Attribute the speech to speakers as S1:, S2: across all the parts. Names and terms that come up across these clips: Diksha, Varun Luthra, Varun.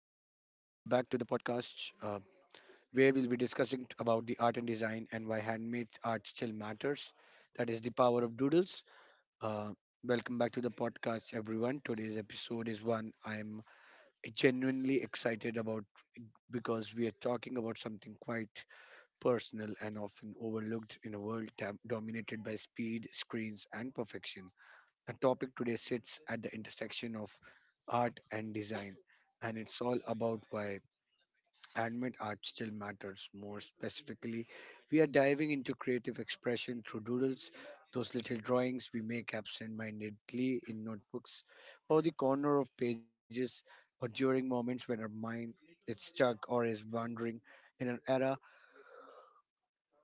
S1: back to the podcast where we'll be discussing about the art and design and why handmade art still matters. That is the power of doodles. Uh, Welcome back to the podcast, everyone. Today's episode is one I'm genuinely excited about because we are talking about something quite personal and often overlooked in a world dominated by speed, screens, and perfection. The topic today sits at the intersection of art and design, and it's all about why handmade art still matters. More specifically, we are diving into creative expression through doodles, those little drawings we make absentmindedly in notebooks, or the corner of pages, or during moments when our mind is stuck or is wandering. In an era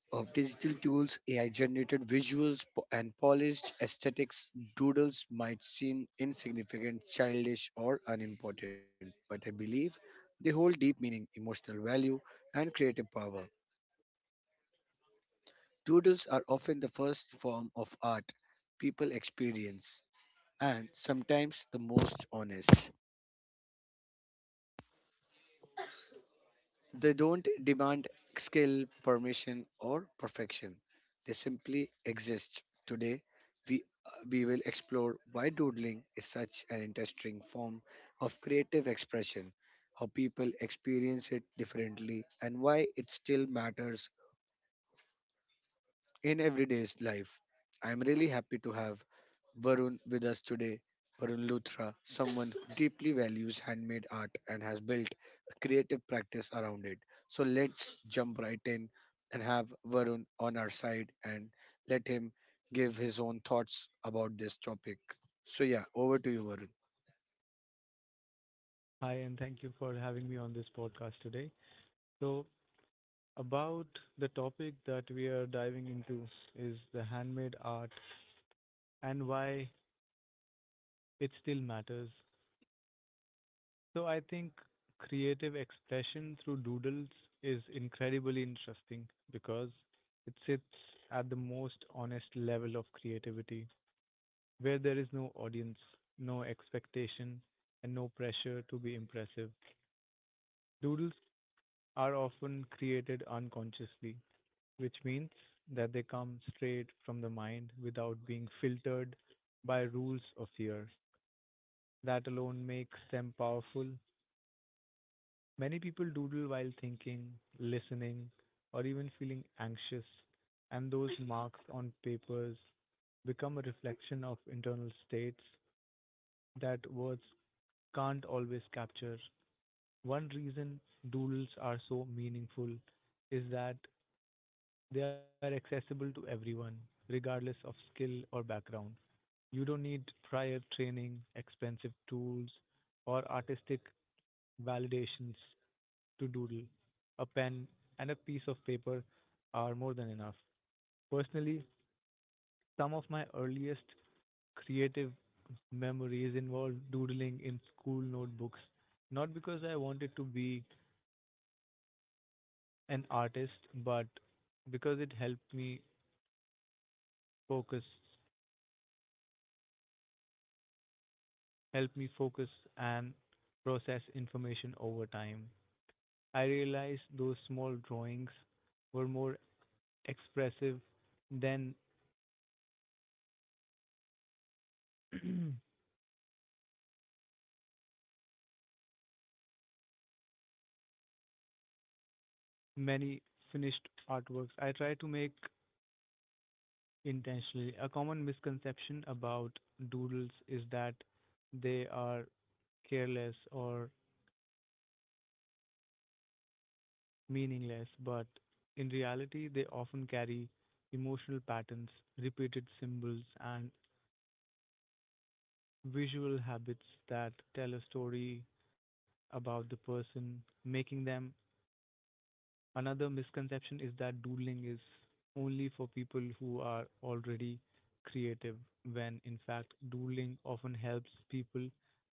S1: of digital tools, AI generated visuals, and polished aesthetics, doodles might seem insignificant, childish, or unimportant, but I believe they hold deep meaning, emotional value, and creative power. Doodles are often the first form of art people experience, and sometimes the most honest. They don't demand skill, permission, or perfection. They simply exist. Today, we we will explore why doodling is such an interesting form of creative expression, how people experience it differently, and why it still matters in everyday's life. I'm really happy to have Varun with us today. Varun Luthra, someone who deeply values handmade art and has built a creative practice around it. So let's jump right in and have Varun on our side and let him give his own thoughts about this topic. So, yeah, over to you, Varun.
S2: Hi, and thank you for having me on this podcast today. So, about the topic that we are diving into is the handmade art and why it still matters. So, I think creative expression through doodles is incredibly interesting because it sits at the most honest level of creativity, where there is no audience, no expectation, and no pressure to be impressive. Doodles are often created unconsciously which means that they come straight from the mind without being filtered by rules of fear. That alone makes them powerful. Many people doodle while thinking, listening, or even feeling anxious, and those marks on papers become a reflection of internal states that words can't always capture. One reason doodles are so meaningful is that they are accessible to everyone, regardless of skill or background. You don't need prior training, expensive tools, or artistic validations to doodle. A pen and a piece of paper are more than enough. Personally, some of my earliest creative memories involved doodling in school notebooks, not because I wanted to be an artist, but because it helped me focus, helped me focus and process information over time. I realized those small drawings were more expressive than many finished artworks I try to make intentionally. A common misconception about doodles is that they are careless or meaningless, but in reality, they often carry emotional patterns, repeated symbols, and visual habits that tell a story about the person, making them. Another misconception is that doodling is only for people who are already creative, when in fact, doodling often helps people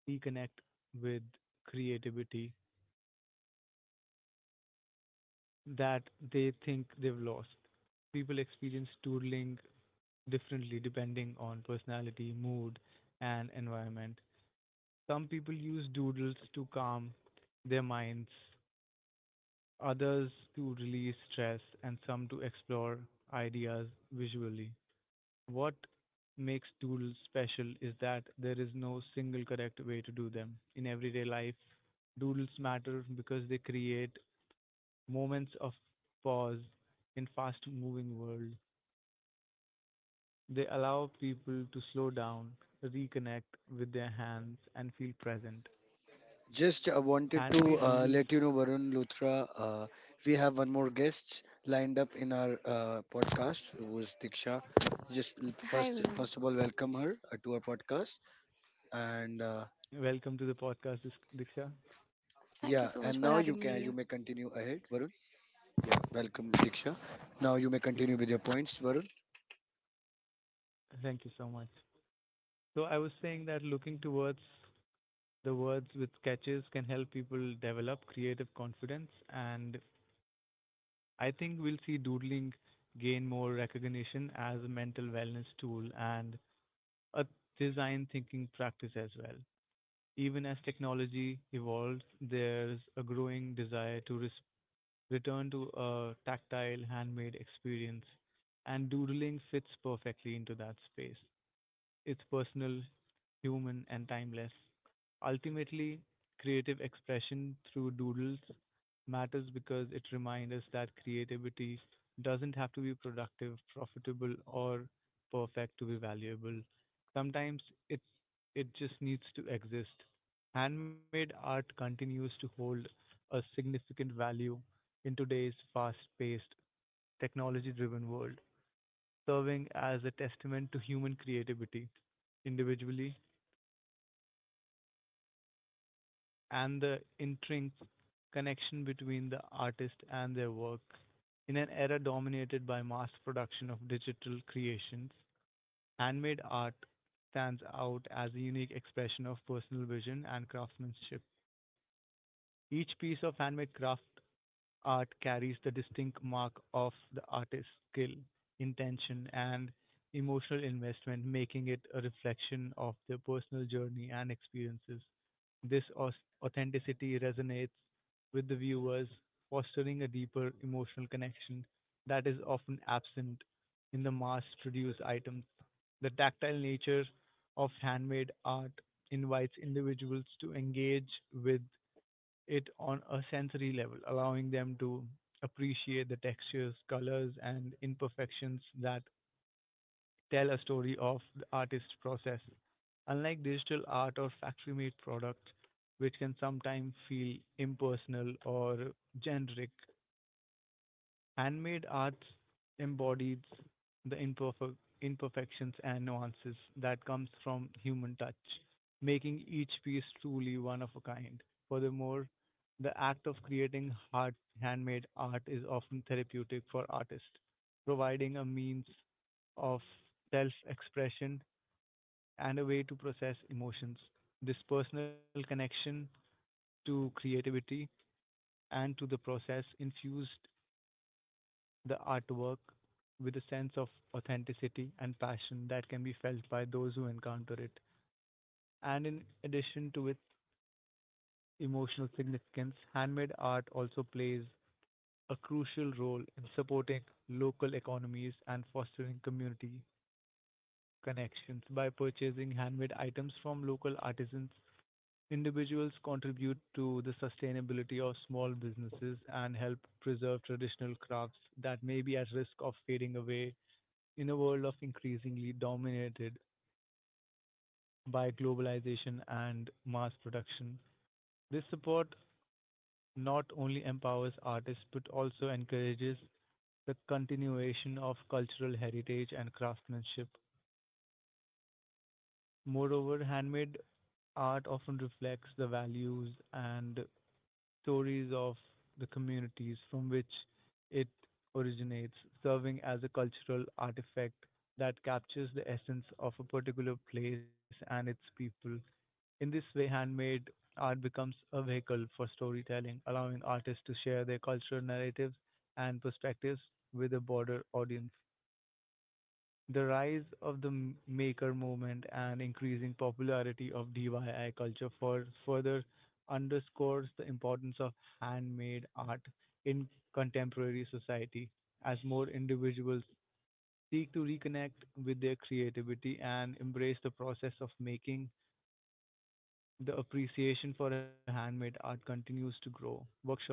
S2: reconnect with creativity that they think they've lost. People experience doodling differently depending on personality, mood, and environment. Some people use doodles to calm their minds, others to release stress, and some to explore ideas visually. What makes doodles special is that there is no single correct way to do them. In everyday life, doodles matter because they create moments of pause in fast-moving world. They allow people to slow down, reconnect with their hands, and feel present.
S1: Just wanted to
S2: Handmade
S1: let
S2: doodles.
S1: you know, Varun Luthra, we have one more guest lined up in our podcast, who is Diksha. Just
S3: Hi,
S1: first,
S3: Varun.
S1: first of all, welcome her to our podcast, and
S2: Welcome to the podcast, Diksha.
S1: yeah,
S3: Thank you so
S1: and
S3: much
S1: now
S3: for
S1: you
S3: having me
S1: can you
S3: here.
S1: may continue ahead, Varun. Yeah, welcome Diksha. Now you may continue with your points, Varun.
S2: Thank you so much. So I was saying that looking towards the words with sketches can help people develop creative confidence, and I think we'll see doodling gain more recognition as a mental wellness tool and a design thinking practice as well. Even as technology evolves, there's a growing desire to return to a tactile handmade experience, and doodling fits perfectly into that space. It's personal, human, and timeless. Ultimately, creative expression through doodles matters because it reminds us that creativity doesn't have to be productive, profitable, or perfect to be valuable. Sometimes it it just needs to exist. Handmade art continues to hold a significant value in today's fast-paced, technology-driven world, serving as a testament to human creativity individually and the intrinsic connection between the artist and their work. In an era dominated by mass production of digital creations, handmade art stands out as a unique expression of personal vision and craftsmanship. Each piece of handmade craft art carries the distinct mark of the artist's skill, intention, and emotional investment, making it a reflection of their personal journey and experiences. This authenticity resonates with the viewers, fostering a deeper emotional connection that is often absent in the mass produced items. The tactile nature of handmade art invites individuals to engage with it on a sensory level, allowing them to appreciate the textures, colors, and imperfections that tell a story of the artist's process. Unlike digital art or factory made products, which can sometimes feel impersonal or generic, handmade arts embodies the imperfections and nuances that comes from human touch, making each piece truly one of a kind. Furthermore, the act of creating hard handmade art is often therapeutic for artists, providing a means of self-expression and a way to process emotions. This personal connection to creativity and to the process infused the artwork with a sense of authenticity and passion that can be felt by those who encounter it. And in addition to its emotional significance, handmade art also plays a crucial role in supporting local economies and fostering community connections. By purchasing handmade items from local artisans, individuals contribute to the sustainability of small businesses and help preserve traditional crafts that may be at risk of fading away. In a world of increasingly dominated by globalization and mass production, this support not only empowers artists but also encourages the continuation of cultural heritage and craftsmanship. Moreover, handmade art often reflects the values and stories of the communities from which it originates, serving as a cultural artifact that captures the essence of a particular place and its people. In this way, handmade art becomes a vehicle for storytelling, allowing artists to share their cultural narratives and perspectives with a broader audience. The rise of the maker movement and increasing popularity of DIY culture for further underscores the importance of handmade art in contemporary society, as more individuals seek to reconnect with their creativity and embrace the process of making. The appreciation for handmade art continues to grow. Workshops,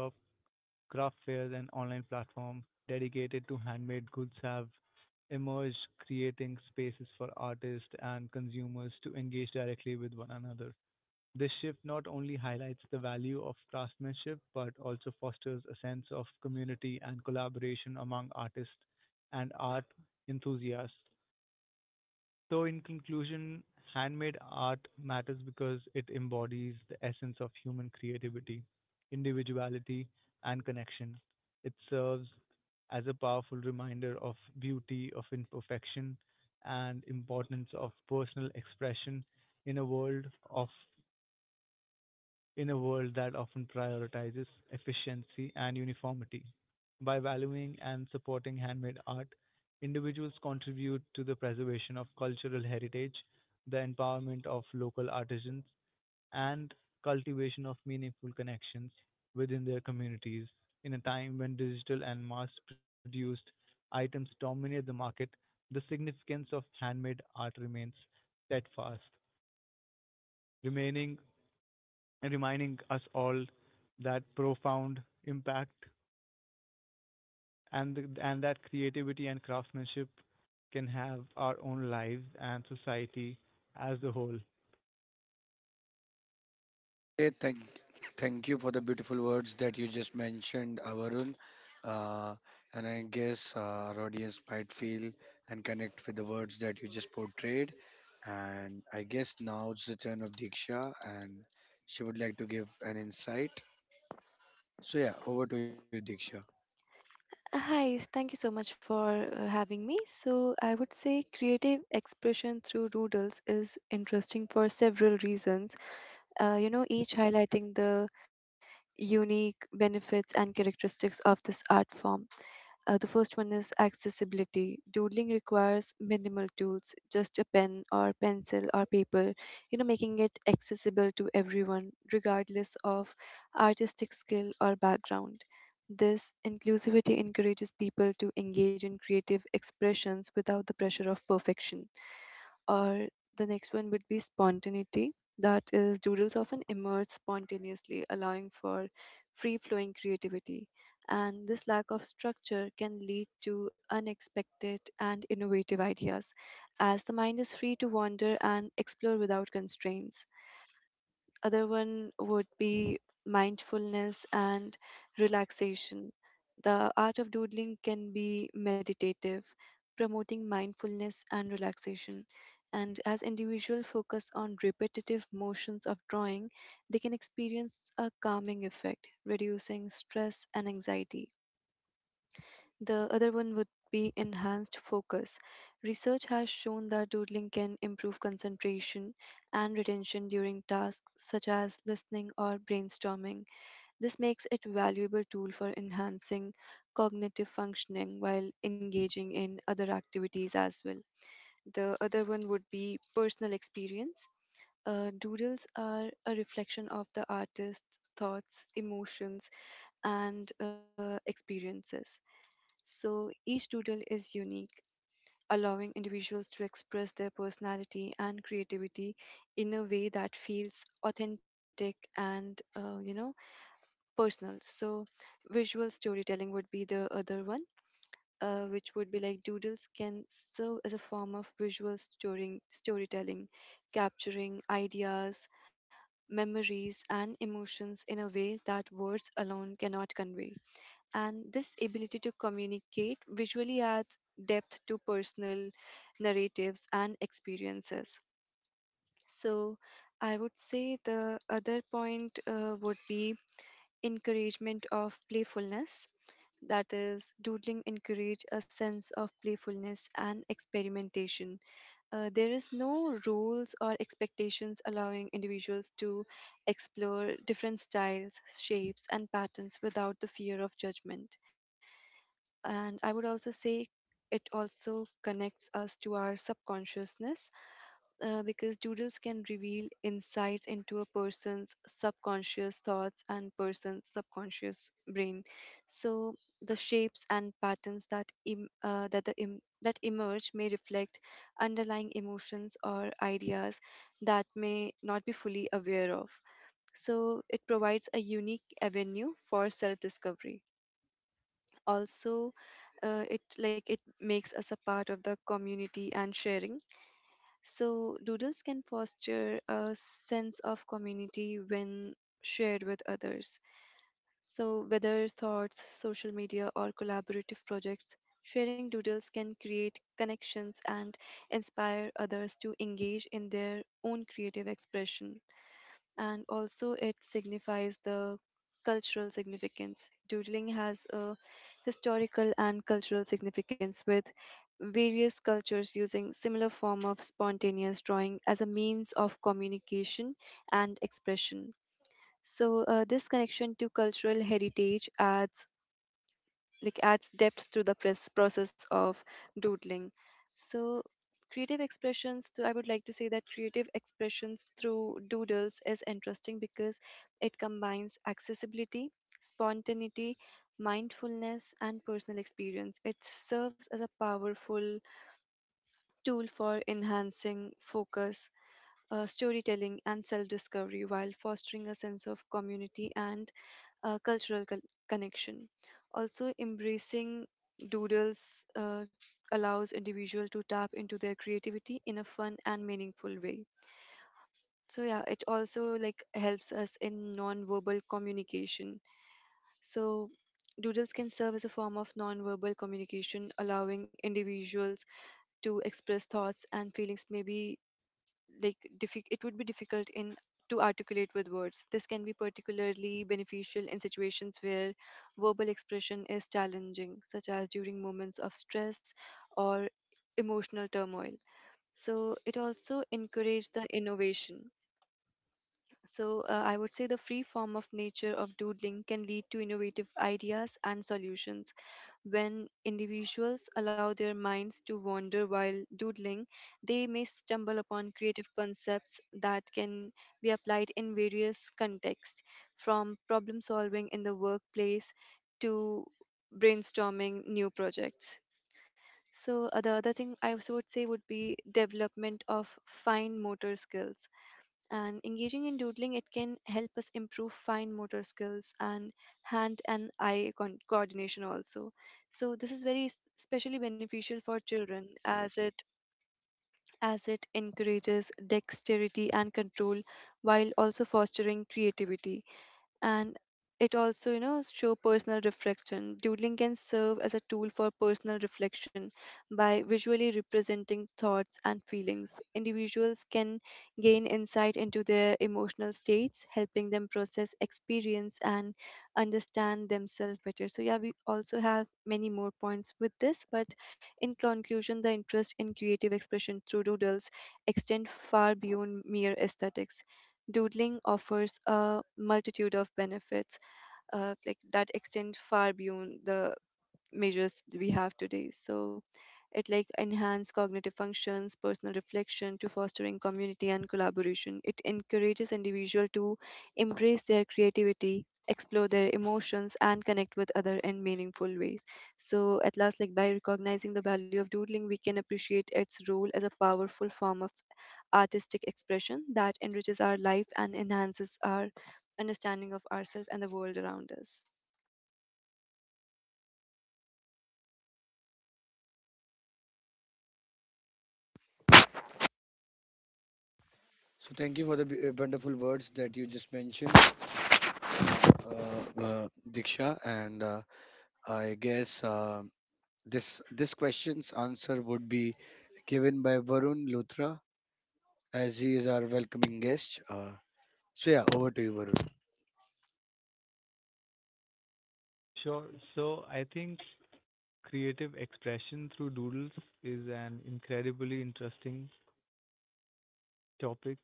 S2: craft fairs, and online platforms dedicated to handmade goods have emerged, creating spaces for artists and consumers to engage directly with one another. This shift not only highlights the value of craftsmanship but also fosters a sense of community and collaboration among artists and art enthusiasts. So, in conclusion, handmade art matters because it embodies the essence of human creativity, individuality, and connection. It serves as a powerful reminder of beauty, of imperfection, and importance of personal expression in a world of in a world that often prioritizes efficiency and uniformity. By valuing and supporting handmade art, individuals contribute to the preservation of cultural heritage, the empowerment of local artisans, and cultivation of meaningful connections within their communities. In a time when digital and mass produced items dominate the market, the significance of handmade art remains steadfast, remaining and reminding us all that profound impact and that creativity and craftsmanship can have our own lives and society as a whole.
S1: Hey, thank you for the beautiful words that you just mentioned, Avarun. Uh, and I guess our audience might feel and connect with the words that you just portrayed. And I guess now it's the turn of Diksha, and she would like to give an insight. So, yeah, over to you, Diksha.
S3: Thank you so much for having me. So, I would say creative expression through doodles is interesting for several reasons, each highlighting the unique benefits and characteristics of this art form. The first one is accessibility. Doodling requires minimal tools, just a pen or pencil or paper, making it accessible to everyone, regardless of artistic skill or background. This inclusivity encourages people to engage in creative expressions without the pressure of perfection. Or the next one would be spontaneity, that is, doodles often emerge spontaneously, allowing for free flowing creativity, and this lack of structure can lead to unexpected and innovative ideas as the mind is free to wander and explore without constraints. Other one would be mindfulness and relaxation. The art of doodling can be meditative, promoting mindfulness and relaxation. And as individuals focus on repetitive motions of drawing, they can experience a calming effect, reducing stress and anxiety. The other one would be enhanced focus. Research has shown that doodling can improve concentration and retention during tasks such as listening or brainstorming. This makes it a valuable tool for enhancing cognitive functioning while engaging in other activities as well. The other one would be personal experience. Doodles are a reflection of the artist's thoughts, emotions, and experiences, so each doodle is unique, allowing individuals to express their personality and creativity in a way that feels authentic and, you know, personal. So visual storytelling would be the other one. Which would be like doodles can serve as a form of storytelling, capturing ideas, memories, and emotions in a way that words alone cannot convey, and this ability to communicate visually adds depth to personal narratives and experiences. So, I would say the other point would be encouragement of playfulness. That is, doodling encourage a sense of playfulness and experimentation. There is no rules or expectations, allowing individuals to explore different styles, shapes, and patterns without the fear of judgment. And I would also say it also connects us to our subconsciousness, because doodles can reveal insights into a person's subconscious thoughts and person's subconscious brain. So the shapes and patterns that Im- that the Im- that emerge may reflect underlying emotions or ideas that may not be fully aware of, so it provides a unique avenue for self discovery. Also, it like it makes us a part of the community and sharing. So doodles can foster a sense of community when shared with others, so whether thoughts social media or collaborative projects, sharing doodles can create connections and inspire others to engage in their own creative expression. And also it signifies the cultural significance. Doodling has a historical and cultural significance, with various cultures using similar form of spontaneous drawing as a means of communication and expression. So this connection to cultural heritage adds, like, adds depth to the press process of doodling. So creative expressions so I would like to say that creative expressions through doodles is interesting because it combines accessibility, spontaneity, mindfulness, and personal experience. It serves as a powerful tool for enhancing focus, storytelling, and self discovery, while fostering a sense of community and uh, cultural con- connection. Also, embracing doodles allows individual to tap into their creativity in a fun and meaningful way. So, yeah, it also like helps us in non-verbal communication. So, doodles can serve as a form of nonverbal communication, allowing individuals to express thoughts and feelings, maybe like it would be difficult in to articulate with words. This can be particularly beneficial in situations where verbal expression is challenging, such as during moments of stress or emotional turmoil. So it also encourages the innovation. So, I would say the free form of nature of doodling can lead to innovative ideas and solutions. When individuals allow their minds to wander while doodling, they may stumble upon creative concepts that can be applied in various contexts, from problem solving in the workplace to brainstorming new projects. So, the other thing I also would say would be development of fine motor skills. And engaging in doodling, it can help us improve fine motor skills and hand and eye coordination also. So this is especially beneficial for children as it encourages dexterity and control while also fostering creativity. And it also, you know, show personal reflection. Doodling can serve as a tool for personal reflection. By visually representing thoughts and feelings, individuals can gain insight into their emotional states, helping them process experience and understand themselves better. So yeah, we also have many more points with this, but in conclusion, the interest in creative expression through doodles extend far beyond mere aesthetics. Doodling offers a multitude of benefits like that extend far beyond the measures we have today. So it like enhance cognitive functions, personal reflection to fostering community and collaboration. It encourages individual to embrace their creativity, explore their emotions, and connect with other in meaningful ways. So at last, like, by recognizing the value of doodling, we can appreciate its role as a powerful form of artistic expression that enriches our life and enhances our understanding of ourselves and the world around us.
S1: So, thank you for the wonderful words that you just mentioned, Diksha. And I guess this question's answer would be given by Varun Luthra, as he is our welcoming guest. So yeah, over to you, Varun.
S2: Sure. So I think creative expression through doodles is an incredibly interesting topic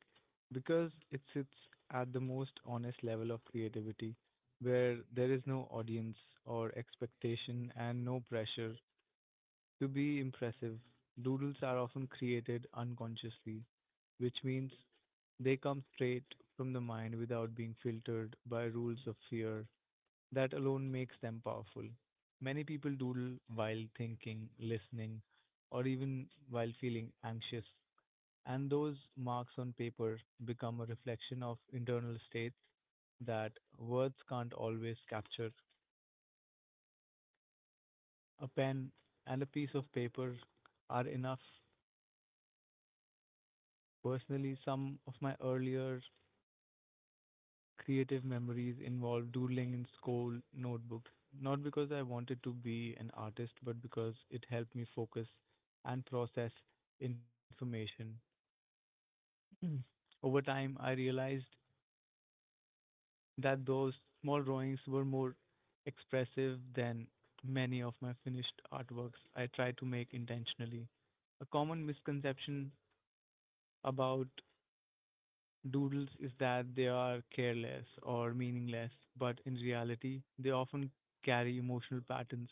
S2: because it sits at the most honest level of creativity where there is no audience or expectation and no pressure to be impressive. Doodles are often created unconsciously, which means they come straight from the mind without being filtered by rules of fear. That alone makes them powerful. Many people doodle while thinking, listening, or even while feeling anxious, and those marks on paper become a reflection of internal states that words can't always capture. A pen and a piece of paper are enough. Personally, some of my earlier creative memories involved doodling in school notebooks, not because I wanted to be an artist, but because it helped me focus and process information. Over time, I realized that those small drawings were more expressive than many of my finished artworks I try to make intentionally. A common misconception about doodles is that they are careless or meaningless, but in reality, they often carry emotional patterns,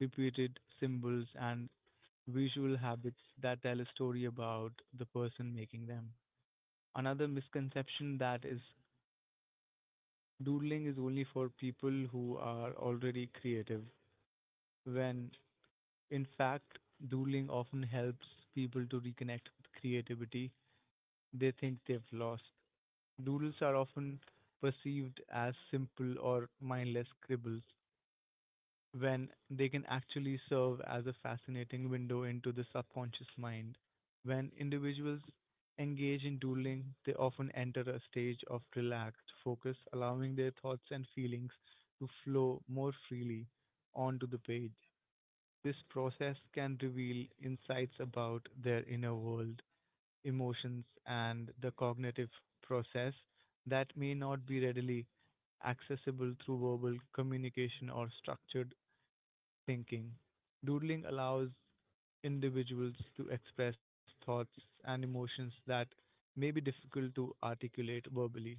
S2: repeated symbols, and visual habits that tell a story about the person making them. Another misconception that is doodling is only for people who are already creative, when in fact, doodling often helps people to reconnect with creativity they think they've lost. Doodles are often perceived as simple or mindless scribbles, when they can actually serve as a fascinating window into the subconscious mind. When individuals engage in doodling, they often enter a stage of relaxed focus, allowing their thoughts and feelings to flow more freely onto the page. This process can reveal insights about their inner world, emotions, and the cognitive process that may not be readily accessible through verbal communication or structured thinking. Doodling allows individuals to express thoughts and emotions that may be difficult to articulate verbally,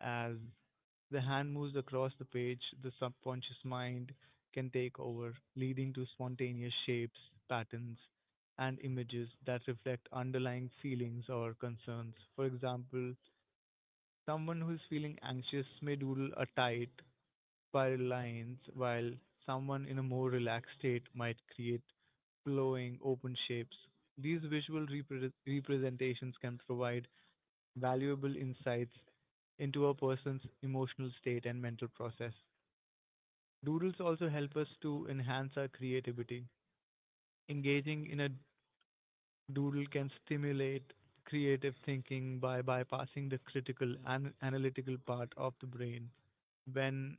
S2: as the hand moves across the page, the subconscious mind can take over, leading to spontaneous shapes, patterns, and images that reflect underlying feelings or concerns. For example, someone who is feeling anxious may doodle a tight spiral lines, while someone in a more relaxed state might create flowing open shapes. These visual representations can provide valuable insights into a person's emotional state and mental process. Doodles also help us to enhance our creativity. Engaging in a doodle can stimulate creative thinking by bypassing the critical and analytical part of the brain. When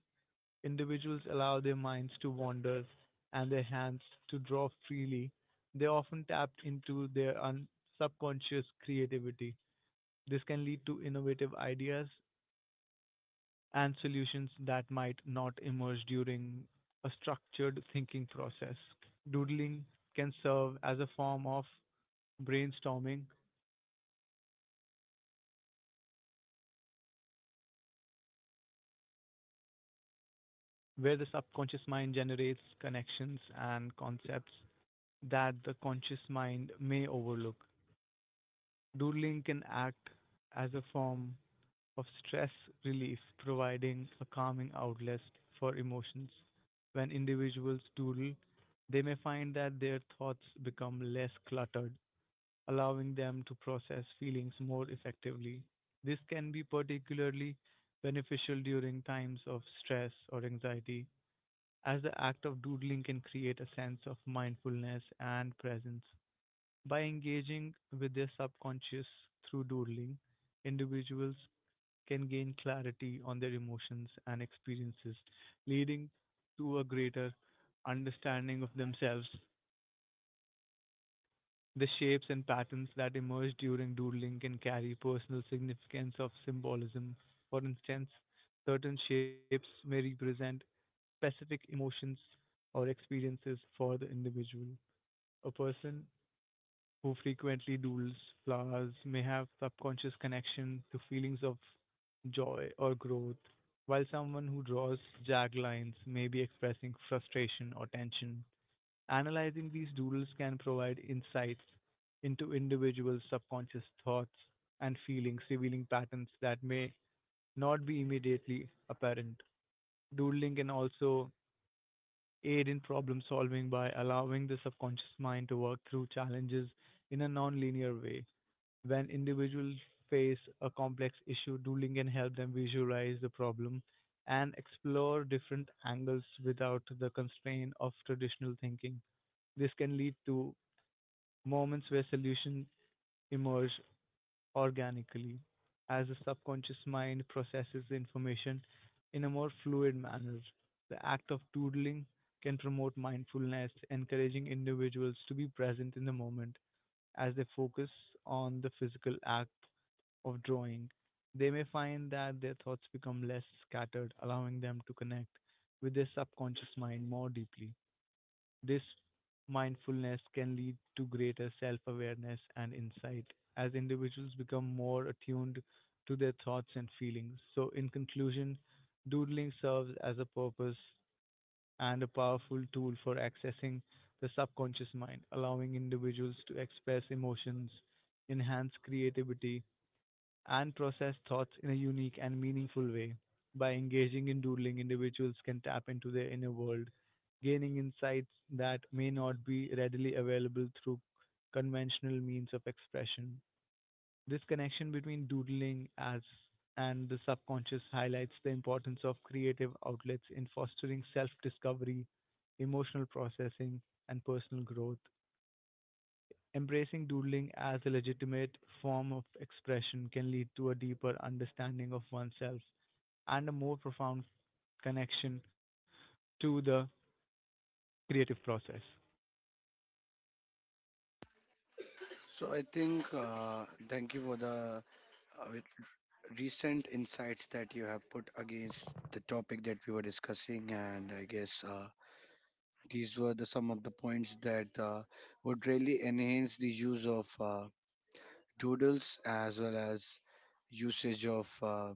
S2: individuals allow their minds to wander and their hands to draw freely, they often tap into their subconscious creativity. This can lead to innovative ideas and solutions that might not emerge during a structured thinking process. Doodling can serve as a form of brainstorming where the subconscious mind generates connections and concepts that the conscious mind may overlook. Doodling can act as a form of stress relief, providing a calming outlet for emotions. When individuals doodle, they may find that their thoughts become less cluttered allowing them to process feelings more effectively. This can be particularly beneficial during times of stress or anxiety, as the act of doodling can create a sense of mindfulness and presence. By engaging with their subconscious through doodling, individuals can gain clarity on their emotions and experiences, leading to a greater understanding of themselves. The shapes and patterns that emerge during doodling can carry personal significance of symbolism. For instance, certain shapes may represent specific emotions or experiences for the individual. A person who frequently doodles flowers may have subconscious connection to feelings of joy or growth, while someone who draws jagged lines may be expressing frustration or tension. Analyzing these doodles can provide insights into individuals' subconscious thoughts and feelings, revealing patterns that may not be immediately apparent. Doodling can also aid in problem solving by allowing the subconscious mind to work through challenges in a non-linear way. When individuals face a complex issue, doodling can help them visualize the problem and explore different angles without the constraint of traditional thinking. This can lead to moments where solutions emerge organically as the subconscious mind processes the information in a more fluid manner. The act of doodling can promote mindfulness, encouraging individuals to be present in the moment as they focus on the physical act of drawing. They may find that their thoughts become less scattered, allowing them to connect with their subconscious mind more deeply. This mindfulness can lead to greater self awareness and insight as individuals become more attuned to their thoughts and feelings. So, in conclusion, doodling serves as a purpose and a powerful tool for accessing the subconscious mind, allowing individuals to express emotions, enhance creativity, and process thoughts in a unique and meaningful way. By engaging in doodling, individuals can tap into their inner world, gaining insights that may not be readily available through conventional means of expression. This connection between doodling as and the subconscious highlights the importance of creative outlets in fostering self discovery, emotional processing, and personal growth. Embracing doodling as a legitimate form of expression can lead to a deeper understanding of oneself and a more profound connection to the creative process.
S1: So I think thank you for the uh, recent insights that you have put against the topic that we were discussing, and I guess these were the some of the points that would really enhance the use of doodles, as well as usage of uh,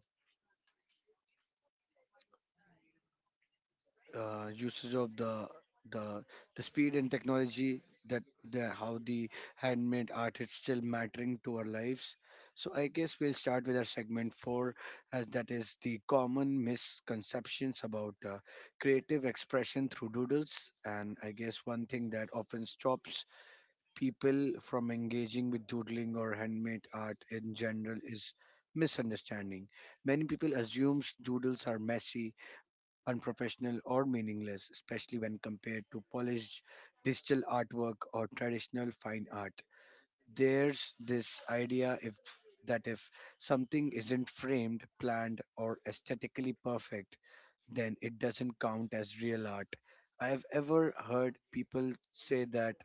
S1: usage of the the speed and technology that the handmade art is still mattering to our lives. So I guess we'll start with our segment 4, as that is the common misconceptions about creative expression through doodles. And I guess one thing that often stops people from engaging with doodling or handmade art in general is misunderstanding. Many people assume doodles are messy, unprofessional, or meaningless, especially when compared to polished digital artwork or traditional fine art. There's this idea if something isn't framed, planned, or aesthetically perfect, then it doesn't count as real art. I have ever heard people say that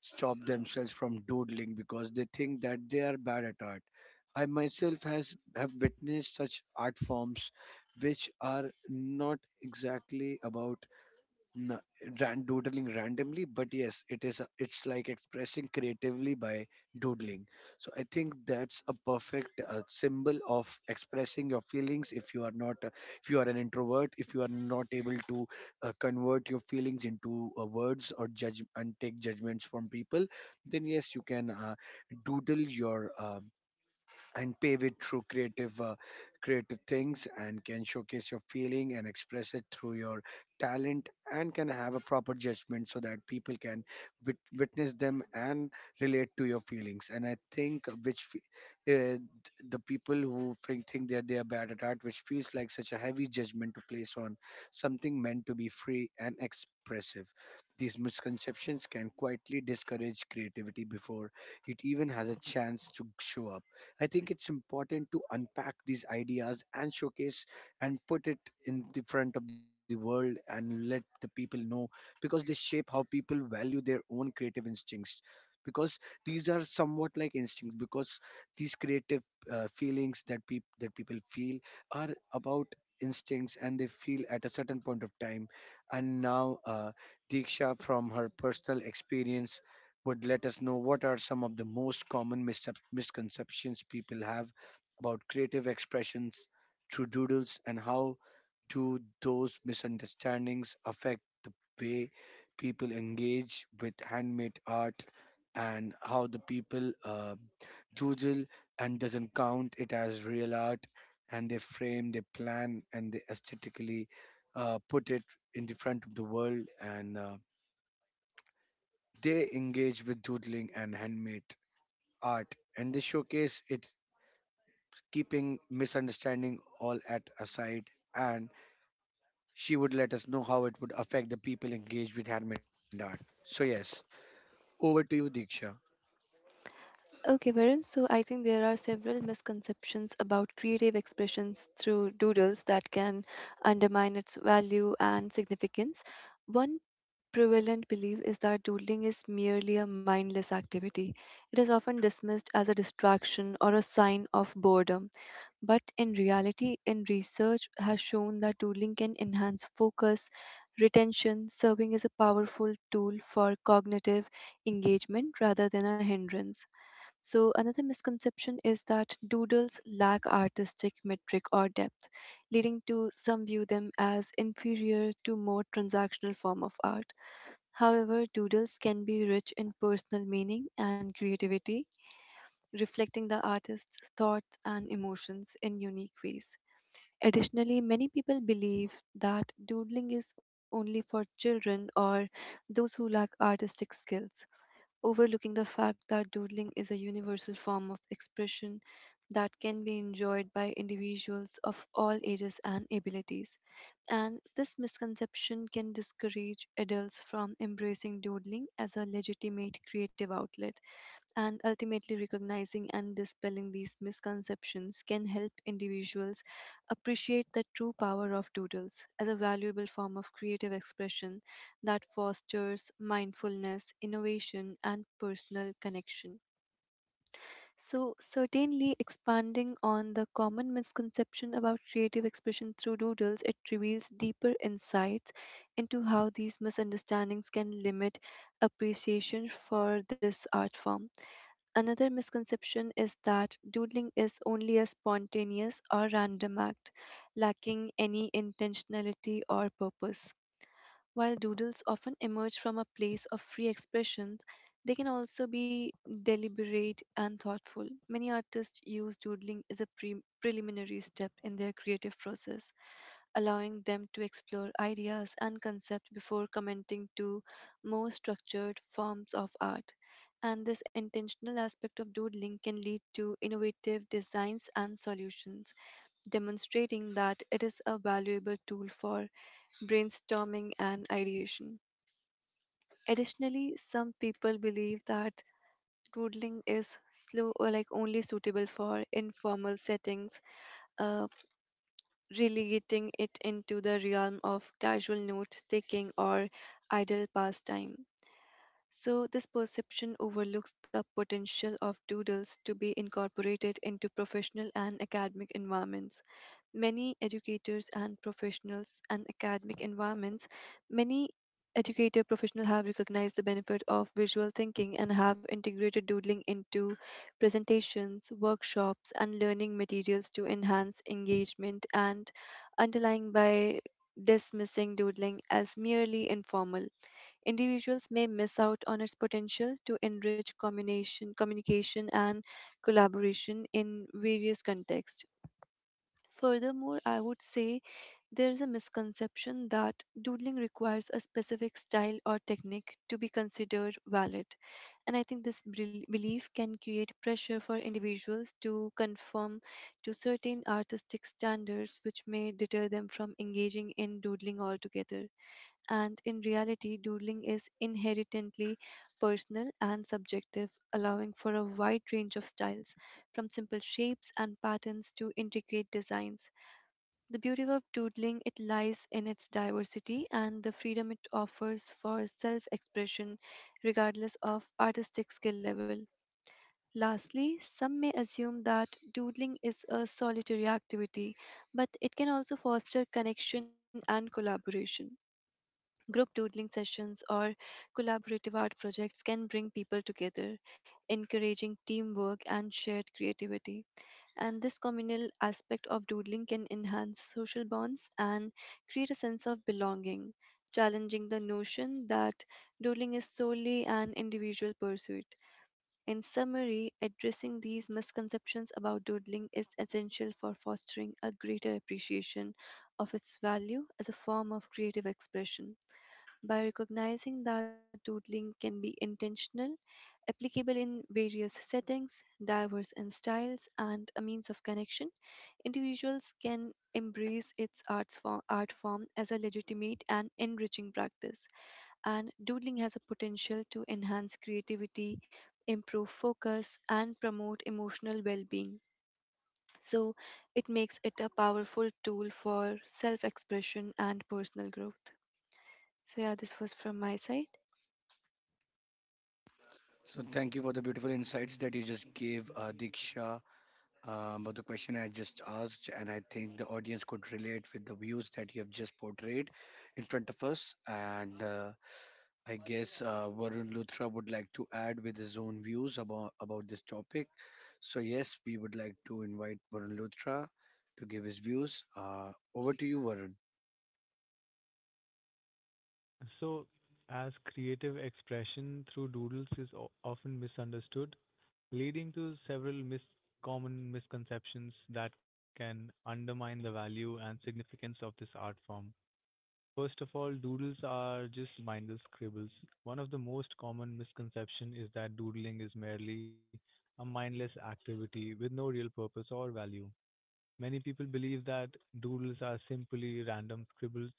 S1: stop themselves from doodling because they think that they are bad at art. I myself has have witnessed such art forms which are not exactly about n- doodling randomly, but yes, it is it's like expressing creatively by doodling. So I think that's a perfect symbol of expressing your feelings. If you are not if you are an introvert, if you are not able to convert your feelings into words, or judge and take judgments from people, then yes, you can doodle your and pave it through creative creative things, and can showcase your feeling and express it through your talent, and can have a proper judgment, so that people can witness them and relate to your feelings. And I think which uh, the people who think that they are bad at art, which feels like such a heavy judgment to place on something meant to be free and expressive. These misconceptions can quietly discourage creativity before it even has a chance to show up. I think it's important to unpack these ideas and showcase and put it in the front of the world and let the people know, because they shape how people value their own creative instincts. Because these are somewhat like instincts, because these creative feelings that people feel are about instincts, and they feel at a certain point of time. And now Diksha from her personal experience would let us know what are some of the most common misconceptions people have about creative expressions through doodles, and how do those misunderstandings affect the way people engage with handmade art, and how the people doodle and doesn't count it as real art, and they frame, they plan, and they aesthetically put it in the front of the world, and they engage with doodling and handmade art, and this showcase it's keeping misunderstanding all at aside. And she would let us know how it would affect the people engaged with handmade art. So yes, over to you, Diksha.
S3: Okay, Varun. So I think there are several misconceptions about creative expressions through doodles that can undermine its value and significance. One prevalent belief is that doodling is merely a mindless activity. It is often dismissed as a distraction or a sign of boredom. But in reality, in research has shown that doodling can enhance focus, retention, serving as a powerful tool for cognitive engagement rather than a hindrance. So, another misconception is that doodles lack artistic metric or depth, leading to some view them as inferior to more transactional form of art. However, doodles can be rich in personal meaning and creativity, reflecting the artist's thoughts and emotions in unique ways. Additionally, many people believe that doodling is only for children or those who lack artistic skills, overlooking the fact that doodling is a universal form of expression that can be enjoyed by individuals of all ages and abilities. And this misconception can discourage adults from embracing doodling as a legitimate creative outlet. And ultimately, recognizing and dispelling these misconceptions can help individuals appreciate the true power of doodles as a valuable form of creative expression that fosters mindfulness, innovation, and personal connection. So, certainly expanding on the common misconception about creative expression through doodles, it reveals deeper insights into how these misunderstandings can limit appreciation for this art form. Another misconception is that doodling is only a spontaneous or random act, lacking any intentionality or purpose. While doodles often emerge from a place of free expression, they can also be deliberate and thoughtful. Many artists use doodling as a preliminary step in their creative process, allowing them to explore ideas and concepts before commenting to more structured forms of art. And this intentional aspect of doodling can lead to innovative designs and solutions, demonstrating that it is a valuable tool for brainstorming and ideation. Additionally, some people believe that doodling is slow or, like, only suitable for informal settings, uh, relegating it into the realm of casual note taking or idle pastime. So, this perception overlooks the potential of doodles to be incorporated into professional and academic environments. Many educators and professionals and academic environments, many educator professionals have recognized the benefit of visual thinking and have integrated doodling into presentations, workshops, and learning materials to enhance engagement and underlying. By dismissing doodling as merely informal, individuals may miss out on its potential to enrich communication and collaboration in various contexts. Furthermore, I would say there is a misconception that doodling requires a specific style or technique to be considered valid. And I think this belief can create pressure for individuals to conform to certain artistic standards, which may deter them from engaging in doodling altogether. And in reality, doodling is inherently personal and subjective, allowing for a wide range of styles, from simple shapes and patterns to intricate designs. The beauty of doodling, it lies in its diversity and the freedom it offers for self-expression regardless of artistic skill level. Lastly, some may assume that doodling is a solitary activity, but it can also foster connection and collaboration. Group doodling sessions or collaborative art projects can bring people together, encouraging teamwork and shared creativity. And this communal aspect of doodling can enhance social bonds and create a sense of belonging, challenging the notion that doodling is solely an individual pursuit. In summary, addressing these misconceptions about doodling is essential for fostering a greater appreciation of its value as a form of creative expression. By recognizing that doodling can be intentional, applicable in various settings, diverse in styles, and a means of connection, individuals can embrace its art form as a legitimate and enriching practice. And doodling has a potential to enhance creativity, improve focus, and promote emotional well being. So, it makes it a powerful tool for self expression and personal growth. So, yeah, this was from my side.
S1: So thank you for the beautiful insights that you just gave, Diksha, about the question I just asked, and I think the audience could relate with the views that you have just portrayed in front of us. And I guess Varun Luthra would like to add with his own views about this topic. So, yes, we would like to invite Varun Luthra to give his views. Over to you, Varun.
S2: So, as creative expression through doodles is often misunderstood, leading to several common misconceptions that can undermine the value and significance of this art form. First of all, doodles are just mindless scribbles. One of the most common misconception is that doodling is merely a mindless activity with no real purpose or value. Many people believe that doodles are simply random scribbles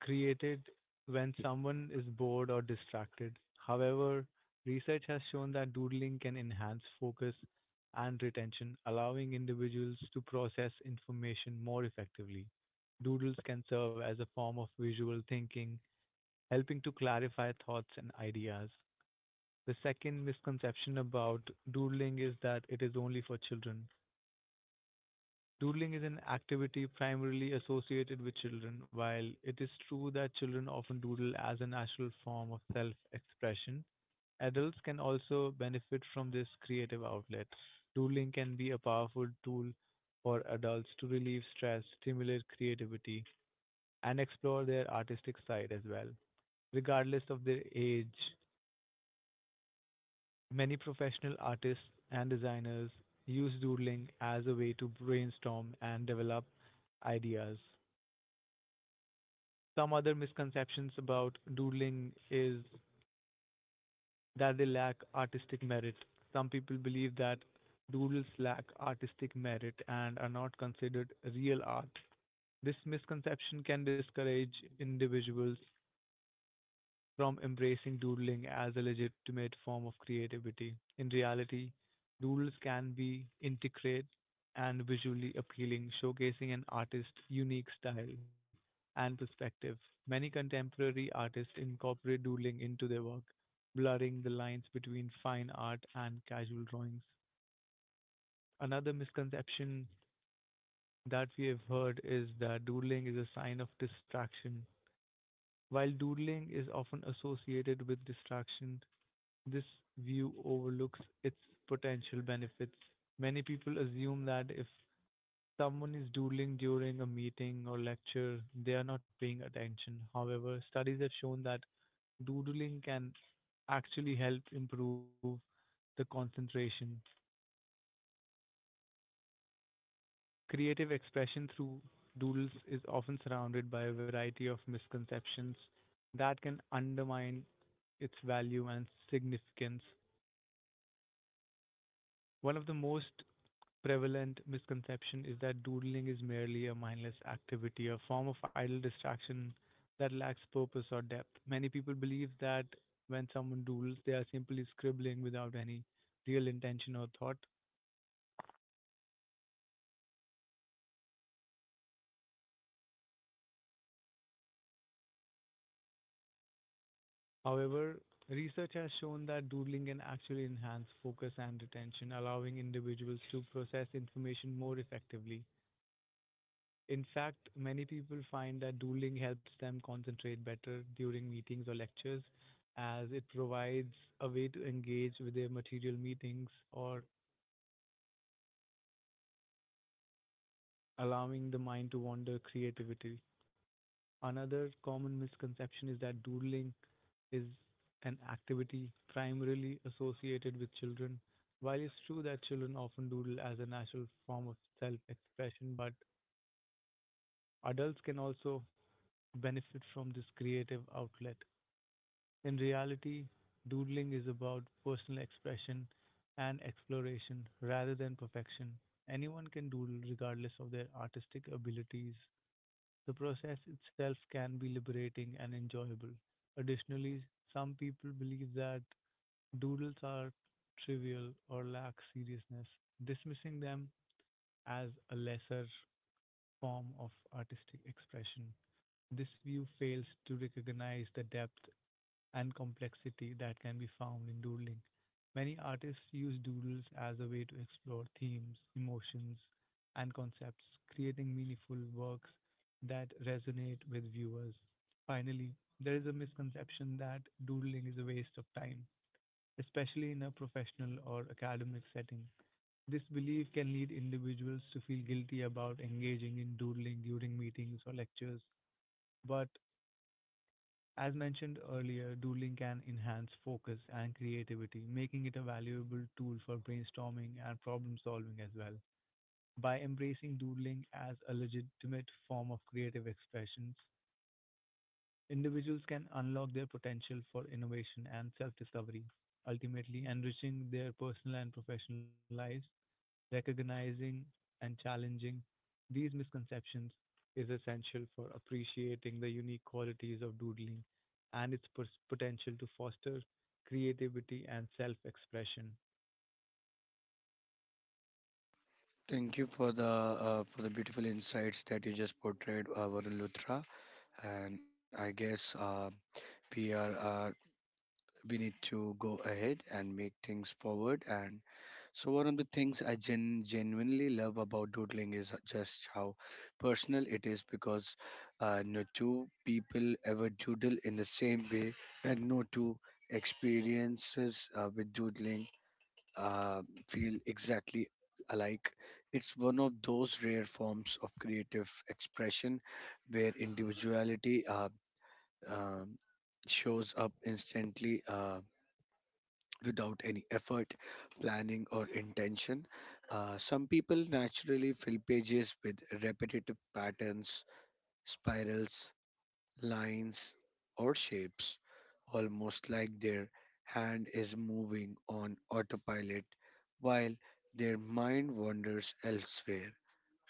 S2: created when someone is bored or distracted. However, research has shown that doodling can enhance focus and retention, allowing individuals to process information more effectively. Doodles can serve as a form of visual thinking, helping to clarify thoughts and ideas. The second misconception about doodling is that it is only for children. Doodling is an activity primarily associated with children. While it is true that children often doodle as a natural form of self expression, adults can also benefit from this creative outlet. Doodling can be a powerful tool for adults to relieve stress, stimulate creativity, and explore their artistic side as well. Regardless of their age, many professional artists and designers use doodling as a way to brainstorm and develop ideas. Some other misconceptions about doodling is that they lack artistic merit. Some people believe that doodles lack artistic merit and are not considered real art. This misconception can discourage individuals from embracing doodling as a legitimate form of creativity. In reality, doodles can be intricate and visually appealing, showcasing an artist's unique style and perspective. Many contemporary artists incorporate doodling into their work, blurring the lines between fine art and casual drawings. Another misconception that we have heard is that doodling is a sign of distraction. While doodling is often associated with distraction, this view overlooks its potential benefits. Many people assume that if someone is doodling during a meeting or lecture, they are not paying attention. However, studies have shown that doodling can actually help improve the concentration. Creative expression through doodles is often surrounded by a variety of misconceptions that can undermine its value and significance. One of the most prevalent misconception is that doodling is merely a mindless activity, a form of idle distraction that lacks purpose or depth. Many people believe that when someone doodles, they are simply scribbling without any real intention or thought. However, research has shown that doodling can actually enhance focus and attention, allowing individuals to process information more effectively. In fact, many people find that doodling helps them concentrate better during meetings or lectures as it provides a way to engage with their material meetings or allowing the mind to wander creativity. Another common misconception is that doodling is an activity primarily associated with children. While it's true that children often doodle as a natural form of self expression, but adults can also benefit from this creative outlet. In reality, doodling is about personal expression and exploration rather than perfection. Anyone can doodle regardless of their artistic abilities. The process itself can be liberating and enjoyable. Additionally, some people believe that doodles are trivial or lack seriousness, dismissing them as a lesser form of artistic expression. This view fails to recognize the depth and complexity that can be found in doodling. Many artists use doodles as a way to explore themes, emotions, and concepts, creating meaningful works that resonate with viewers. Finally, there is a misconception that doodling is a waste of time, especially in a professional or academic setting. This belief can lead individuals to feel guilty about engaging in doodling during meetings or lectures, but as mentioned earlier, doodling can enhance focus and creativity, making it a valuable tool for brainstorming and problem solving as well. By embracing doodling as a legitimate form of creative expressions, individuals can unlock their potential for innovation and self discovery, ultimately enriching their personal and professional lives. Recognizing and challenging these misconceptions is essential for appreciating the unique qualities of doodling and its potential to foster creativity and self expression.
S1: Thank you for the beautiful insights that you just portrayed, Varun Luthra. And I guess we are we need to go ahead and make things forward and so one of the things I genuinely love about doodling is just how personal it is, because no two people ever doodle in the same way, and no two experiences with doodling uh, feel exactly alike. It's one of those rare forms of creative expression where individuality um, shows up instantly without any effort, planning, or intention. Some people naturally fill pages with repetitive patterns, spirals, lines, or shapes, almost like their hand is moving on autopilot while their mind wanders elsewhere.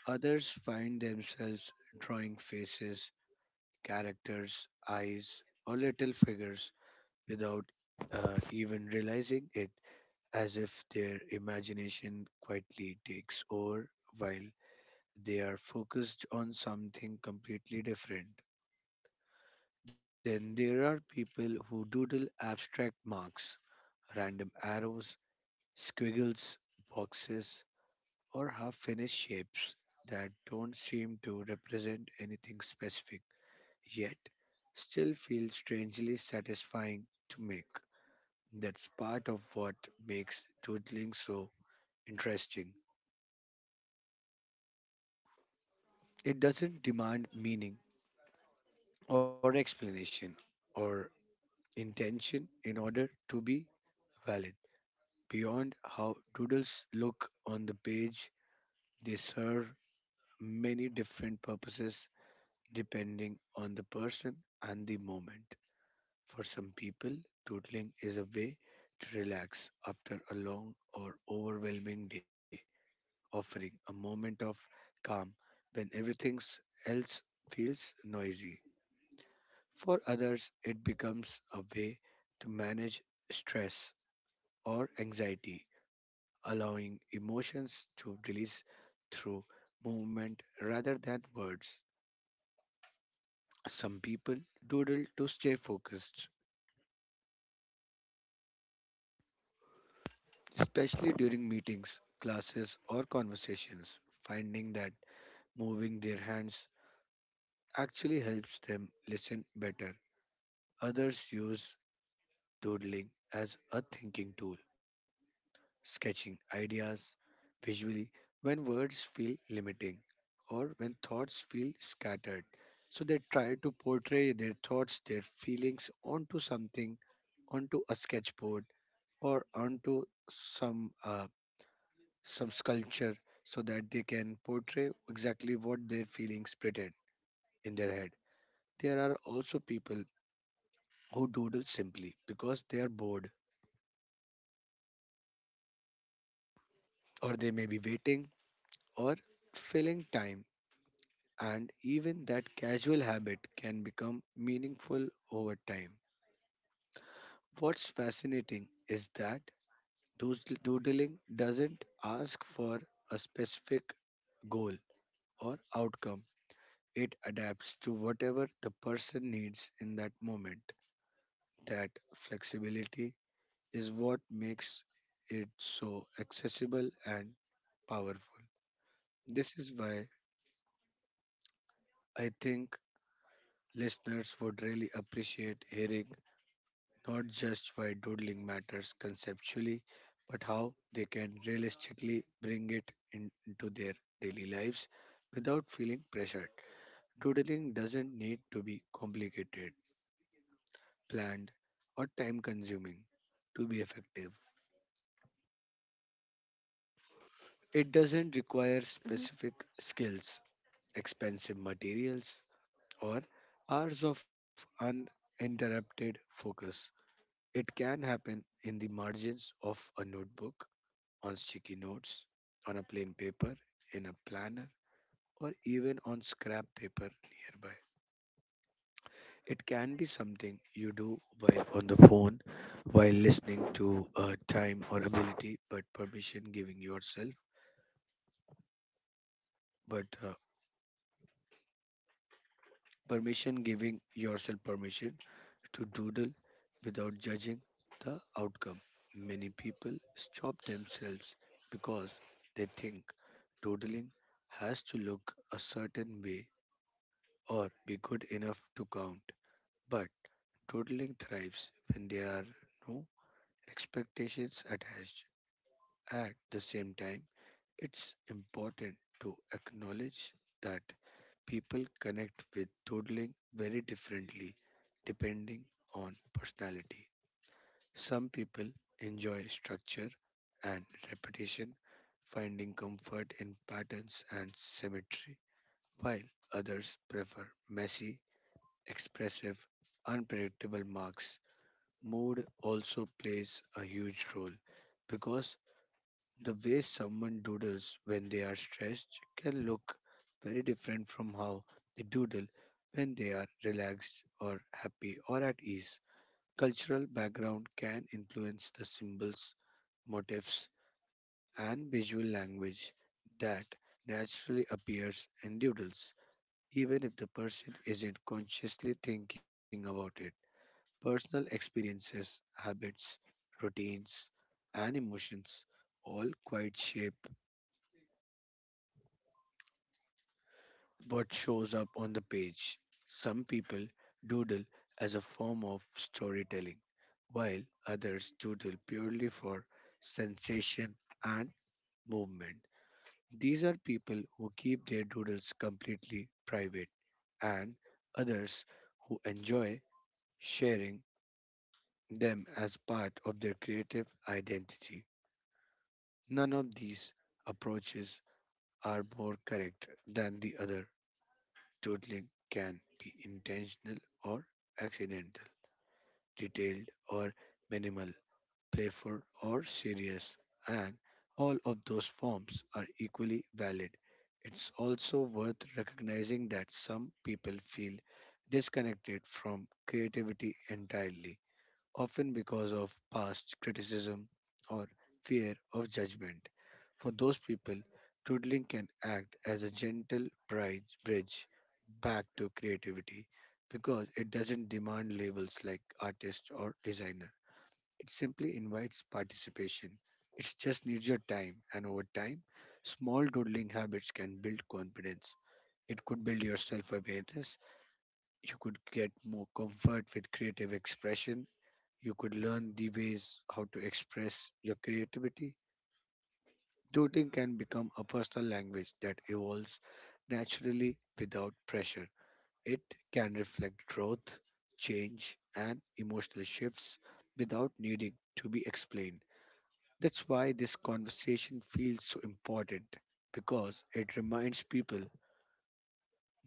S1: Others find themselves drawing faces, characters, eyes, or little figures without even realizing it, as if their imagination quietly takes over while they are focused on something completely different. Then there are people who doodle abstract marks, random arrows, squiggles, boxes, or half finished shapes that don't seem to represent anything specific, yet still feel strangely satisfying to make. That's part of what makes doodling so interesting. It doesn't demand meaning or explanation or intention in order to be valid. Beyond how doodles look on the page, they serve many different purposes depending on the person and the moment. For some people, doodling is a way to relax after a long or overwhelming day, offering a moment of calm when everything else feels noisy. For others, it becomes a way to manage stress or anxiety, allowing emotions to release through movement rather than words. Some people doodle to stay focused, especially during meetings, classes, or conversations, finding that moving their hands actually helps them listen better. Others use doodling as a thinking tool, sketching ideas visually when words feel limiting or when thoughts feel scattered. So they try to portray their thoughts, their feelings onto something, onto a sketchboard or onto some uh, some sculpture, so that they can portray exactly what their feelings pretend in their head. There are also people who doodle simply because they are bored, or they may be waiting or filling time, and even that casual habit can become meaningful over time. What's fascinating is that doodling doesn't ask for a specific goal or outcome. It adapts to whatever the person needs in that moment. That flexibility is what makes it so accessible and powerful. This is why I think listeners would really appreciate hearing not just why doodling matters conceptually, but how they can realistically bring it into their daily lives without feeling pressured. Doodling doesn't need to be complicated, planned, or time consuming to be effective. It doesn't require
S3: Mm-hmm,
S1: specific skills, expensive materials, or hours of uninterrupted focus. It can happen in the margins of a notebook, on sticky notes, on a plain paper, in a planner, or even on scrap paper nearby. It can be something you do while on the phone, while listening to a time or ability, but permission giving yourself, but permission giving yourself permission to doodle without judging the outcome. Many people stop themselves because they think doodling has to look a certain way or be good enough to count. But doodling thrives when there are no expectations attached. At the same time, it's important to acknowledge that people connect with doodling very differently depending on personality. Some people enjoy structure and repetition, finding comfort in patterns and symmetry, while others prefer messy expressive, unpredictable marks. Mood also plays a huge role because the way someone doodles when they are stressed can look very different from how they doodle when they are relaxed or happy or at ease. Cultural background can influence the symbols, motifs, and visual language that naturally appears in doodles, even if the person isn't consciously thinking about it. Personal experiences, habits, routines, and emotions all quite shape what shows up on the page. Some people doodle as a form of storytelling, while others doodle purely for sensation and movement. These are people who keep their doodles completely private, and others who enjoy sharing them as part of their creative identity. None of these approaches are more correct than the other. Doodling can be intentional or accidental, detailed or minimal, playful or serious, and all of those forms are equally valid. It's also worth recognizing that some people feel disconnected from creativity entirely often because of past criticism or fear of judgment. For those people, doodling can act as a gentle bridge back to creativity because it doesn't demand labels like artist or designer. It simply invites participation. It just needs your time, and over time, small doodling habits can build confidence. It could build your self awareness. You could get more comfort with creative expression you could learn the ways how to express your creativity. Doodling can become a personal language that evolves naturally without pressure. It can reflect growth, change, and emotional shifts without needing to be explained. That's why this conversation feels so important because it reminds people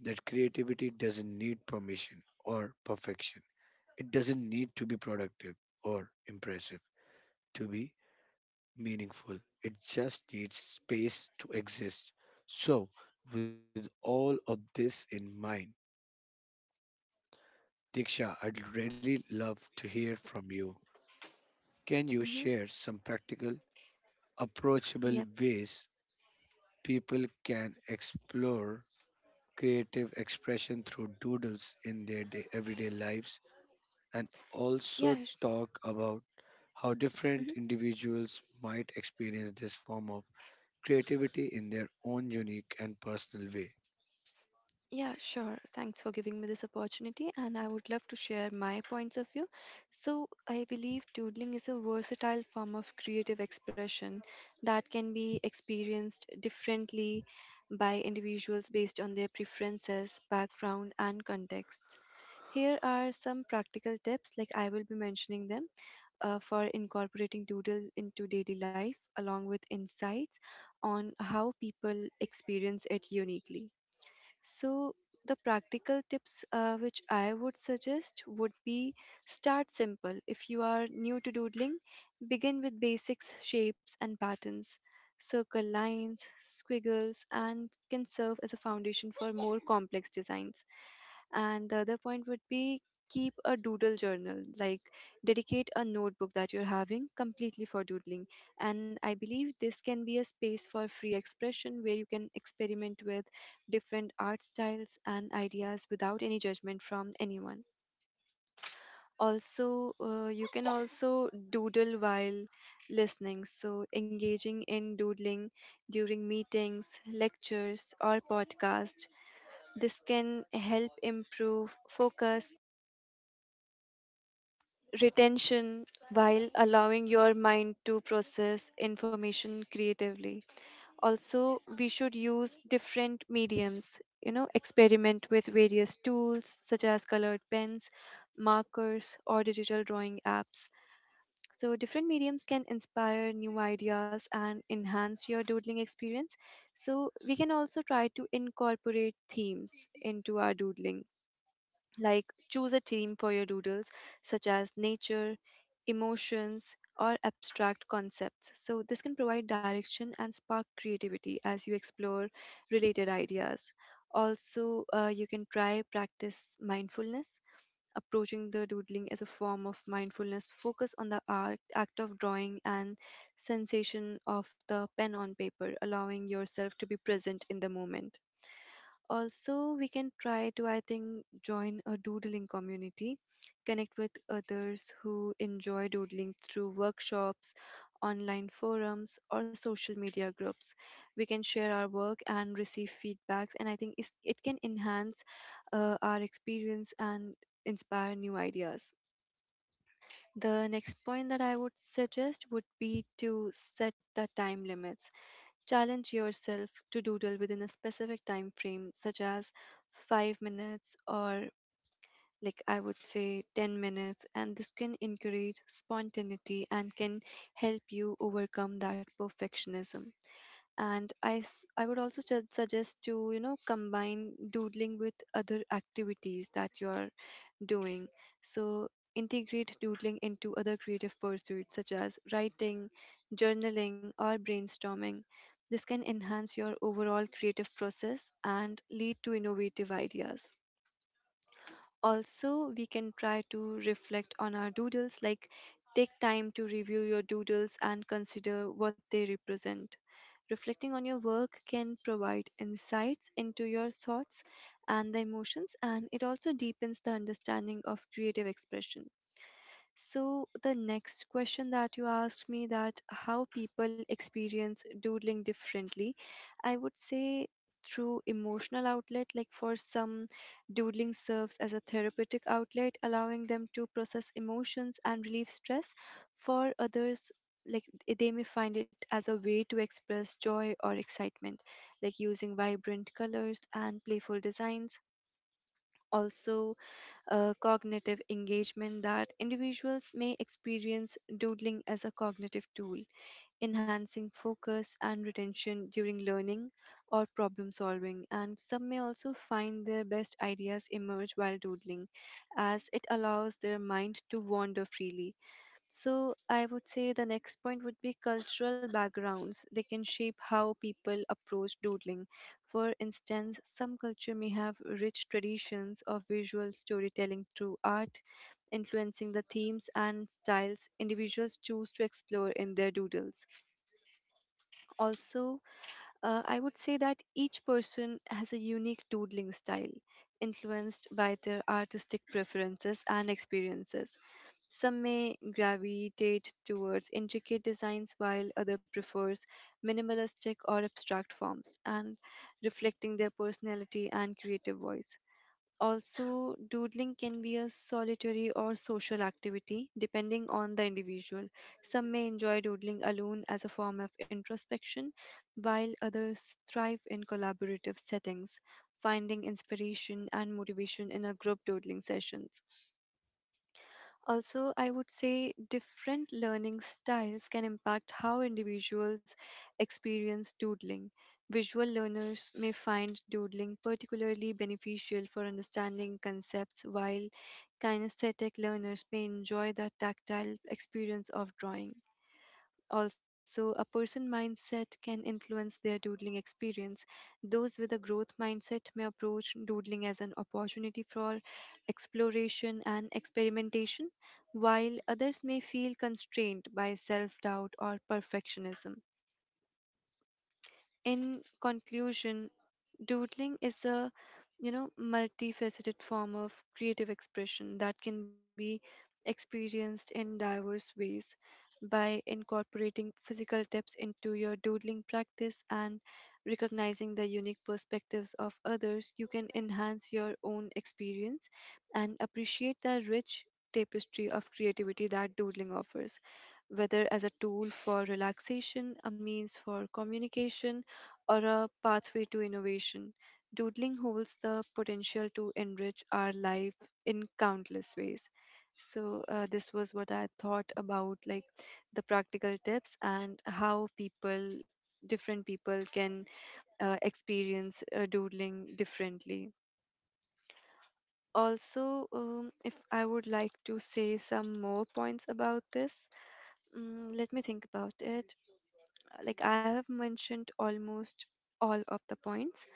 S1: that creativity doesn't need permission or perfection. It doesn't need to be productive or impressive to be meaningful. It just needs space to exist. So, with all of this in mind, Diksha, I'd really love to hear from you. Can you
S3: mm-hmm.
S1: share some practical,
S3: Yep.
S1: approachable ways people can explore creative expression through doodles in their day, everyday lives and
S3: Yeah.
S1: also talk about how
S3: Mm-hmm.
S1: different individuals might experience this form of creativity in their own unique and personal way?
S3: Yeah, sure. Thanks for giving me this opportunity, and I would love to share my points of view. So, I believe doodling is a versatile form of creative expression that can be experienced differently by individuals based on their preferences, background, and context. Here are some practical tips, like I will be mentioning them, for incorporating doodles into daily life, along with insights on how people experience it uniquely. So, the practical tips which I would suggest would be: start simple. If you are new to doodling, begin with basics, shapes, and patterns. Circle lines, squiggles, and can serve as a foundation for more complex designs. And the other point would be keep a doodle journal, like dedicate a notebook that you're having completely for doodling. And I believe this can be a space for free expression where you can experiment with different art styles and ideas without any judgment from anyone. Also, you can also doodle while listening, so engaging in doodling during meetings, lectures, or podcasts, this can help improve focus, retention, while allowing your mind to process information creatively. Also, we should use different mediums, you know, experiment with various tools such as colored pens, markers, or digital drawing apps. So, different mediums can inspire new ideas and enhance your doodling experience. So, we can also try to incorporate themes into our doodling. Like, choose a theme for your doodles, such as nature, emotions, or abstract concepts. So, this can provide direction and spark creativity as you explore related ideas. Also, you can try practice mindfulness, approaching the doodling as a form of mindfulness. Focus on the act of drawing and sensation of the pen on paper, allowing yourself to be present in the moment. Also, we can try to, I think, join a doodling community, connect with others who enjoy doodling through workshops, online forums, or social media groups. We can share our work and receive feedbacks, and I think it can enhance our experience and inspire new ideas. The next point that I would suggest would be to set the time limits. Challenge yourself to doodle within a specific time frame, such as 5 minutes or, like I would say, 10 minutes, and this can encourage spontaneity and can help you overcome that perfectionism. I would also suggest to, you know, combine doodling with other activities that you're doing. So, integrate doodling into other creative pursuits such as writing, journaling, or brainstorming. This can enhance your overall creative process and lead to innovative ideas. Also, we can try to reflect on our doodles, like take time to review your doodles and consider what they represent. Reflecting on your work can provide insights into your thoughts and the emotions, and it also deepens the understanding of creative expression. So the next question that you asked me, that how people experience doodling differently, I would say through emotional outlet. Like, for some, doodling serves as a therapeutic outlet, allowing them to process emotions and relieve stress. For others, like they may find it as a way to express joy or excitement, like using vibrant colors and playful designs. Also, cognitive engagement, that individuals may experience doodling as a cognitive tool, enhancing focus and retention during learning or problem solving. And some may also find their best ideas emerge while doodling, as it allows their mind to wander freely. So, I would say the next point would be cultural backgrounds. They can shape how people approach doodling. For instance, some culture may have rich traditions of visual storytelling through art, influencing the themes and styles individuals choose to explore in their doodles. Also, I would say that each person has a unique doodling style, influenced by their artistic preferences and experiences. Some may gravitate towards intricate designs, while other prefers minimalistic or abstract forms, and reflecting their personality and creative voice. Also, doodling can be a solitary or social activity depending on the individual. Some may enjoy doodling alone as a form of introspection, while others thrive in collaborative settings, finding inspiration and motivation in a group doodling sessions. Also, I would say different learning styles can impact how individuals experience doodling. Visual learners may find doodling particularly beneficial for understanding concepts, while kinesthetic learners may enjoy the tactile experience of drawing. Also, a person mindset can influence their doodling experience. Those with a growth mindset may approach doodling as an opportunity for exploration and experimentation, while others may feel constrained by self doubt or perfectionism. In conclusion, doodling is a, you know, multifaceted form of creative expression that can be experienced in diverse ways. By incorporating physical tips into your doodling practice and recognizing the unique perspectives of others, you can enhance your own experience and appreciate the rich tapestry of creativity that doodling offers. Whether as a tool for relaxation, a means for communication, or a pathway to innovation, doodling holds the potential to enrich our life in countless ways. So, this was what I thought about, like the practical tips and how different people can experience doodling differently. Also, if I would like to say some more points about this, mm, let me think about it. Like, I have mentioned almost all of the points.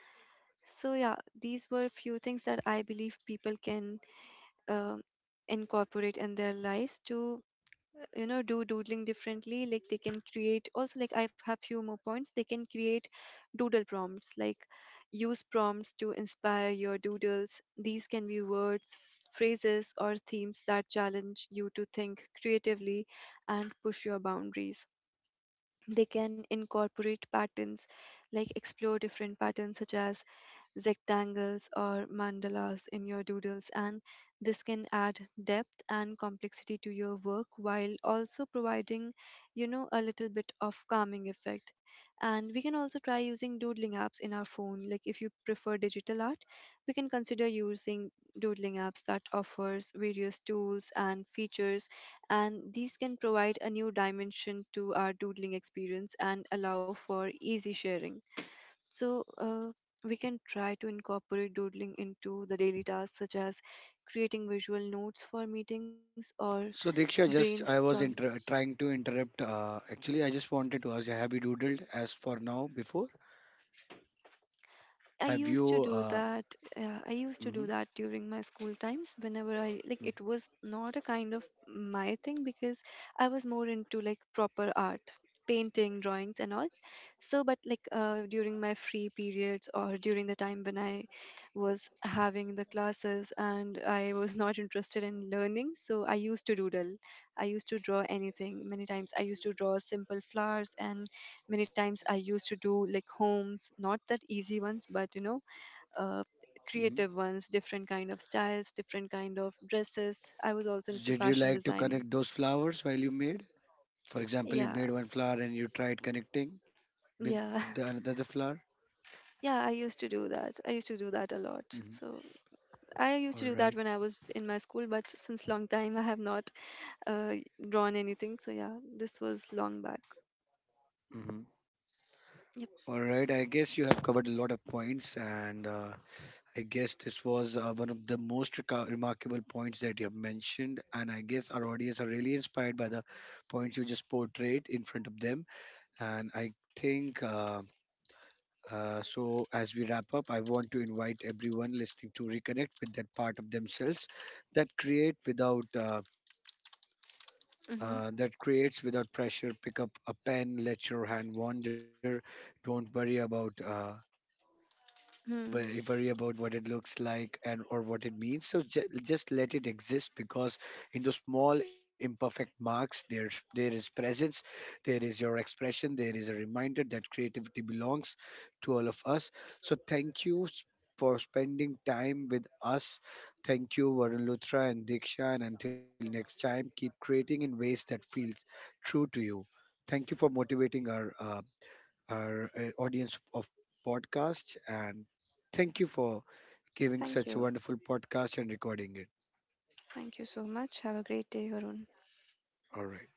S3: So yeah, these were few things that I believe people can um incorporate in their lives to, you know, do doodling differently. Like, they can create, also, like I have few more points. They can create doodle prompts, like use prompts to inspire your doodles. These can be words, phrases, or themes that challenge you to think creatively and push your boundaries. They can incorporate patterns, like explore different patterns such as rectangles or mandalas in your doodles, and this can add depth and complexity to your work while also providing, you know, a little bit of calming effect. And we can also try using doodling apps in our phone. Like, if you prefer digital art, we can consider using doodling apps that offers various tools and features, and these can provide a new dimension to our doodling experience and allow for easy sharing. So, we can try to incorporate doodling into the daily tasks, such as creating visual notes for meetings or
S1: So Diksha, just I
S3: brainstorm.
S1: was trying to interrupt. Actually, I just wanted to ask, have you doodled as for now before?
S3: I
S1: Have
S3: used to
S1: you?
S3: do that. I used to
S1: Mhm,
S3: do that during my school times. Whenever I like,
S1: mhm,
S3: it was not a kind of my thing because I was more into like proper art, painting, drawings, and all. So, but like, during my free periods or during the time when I was having the classes and I was not interested in learning, so I used to doodle. I used to draw anything. Many times I used to draw simple flowers, and many times I used to do like homes, not that easy ones, but you know, uh,
S1: mhm.
S3: creative ones, different kind of styles, different kind of dresses. I was also into
S1: Did you
S3: fashion
S1: like to
S3: designing.
S1: connect those flowers while you made? For example, you
S3: Yeah,
S1: made one flower and you tried connecting with
S3: yeah.
S1: the another flower.
S3: Yeah, I used to do that. I used to do that a lot.
S1: Mhm.
S3: So I used
S1: All
S3: to do that
S1: right.
S3: when I was in my school, but since long time I have not, uh, drawn anything. So yeah, this was long back.
S1: Mhm.
S3: Yep.
S1: All right. I guess you have covered a lot of points, and I guess this was one of the most remarkable points that you have mentioned, and I guess our audience are really inspired by the points you just portrayed in front of them. And I think As we wrap up, I want to invite everyone listening to reconnect with that part of themselves that create without.
S3: Mm-hmm.
S1: That creates without pressure. Pick up a pen, let your hand wander. Don't worry about
S3: Hmm.
S1: worry about what it looks like and or what it means so just let it exist because in those small imperfect marks there is presence, there is your expression, there is a reminder that creativity belongs to all of us. So thank you for spending time with us. Thank you, Varun Luthra and Diksha, and until next time keep creating in ways that feels true to you. Thank you for motivating our audience of podcasts, and thank you for giving
S3: Thank
S1: such a
S3: you.
S1: wonderful podcast and recording it.
S3: Thank you so much. Have a great day, Varun.
S1: All right.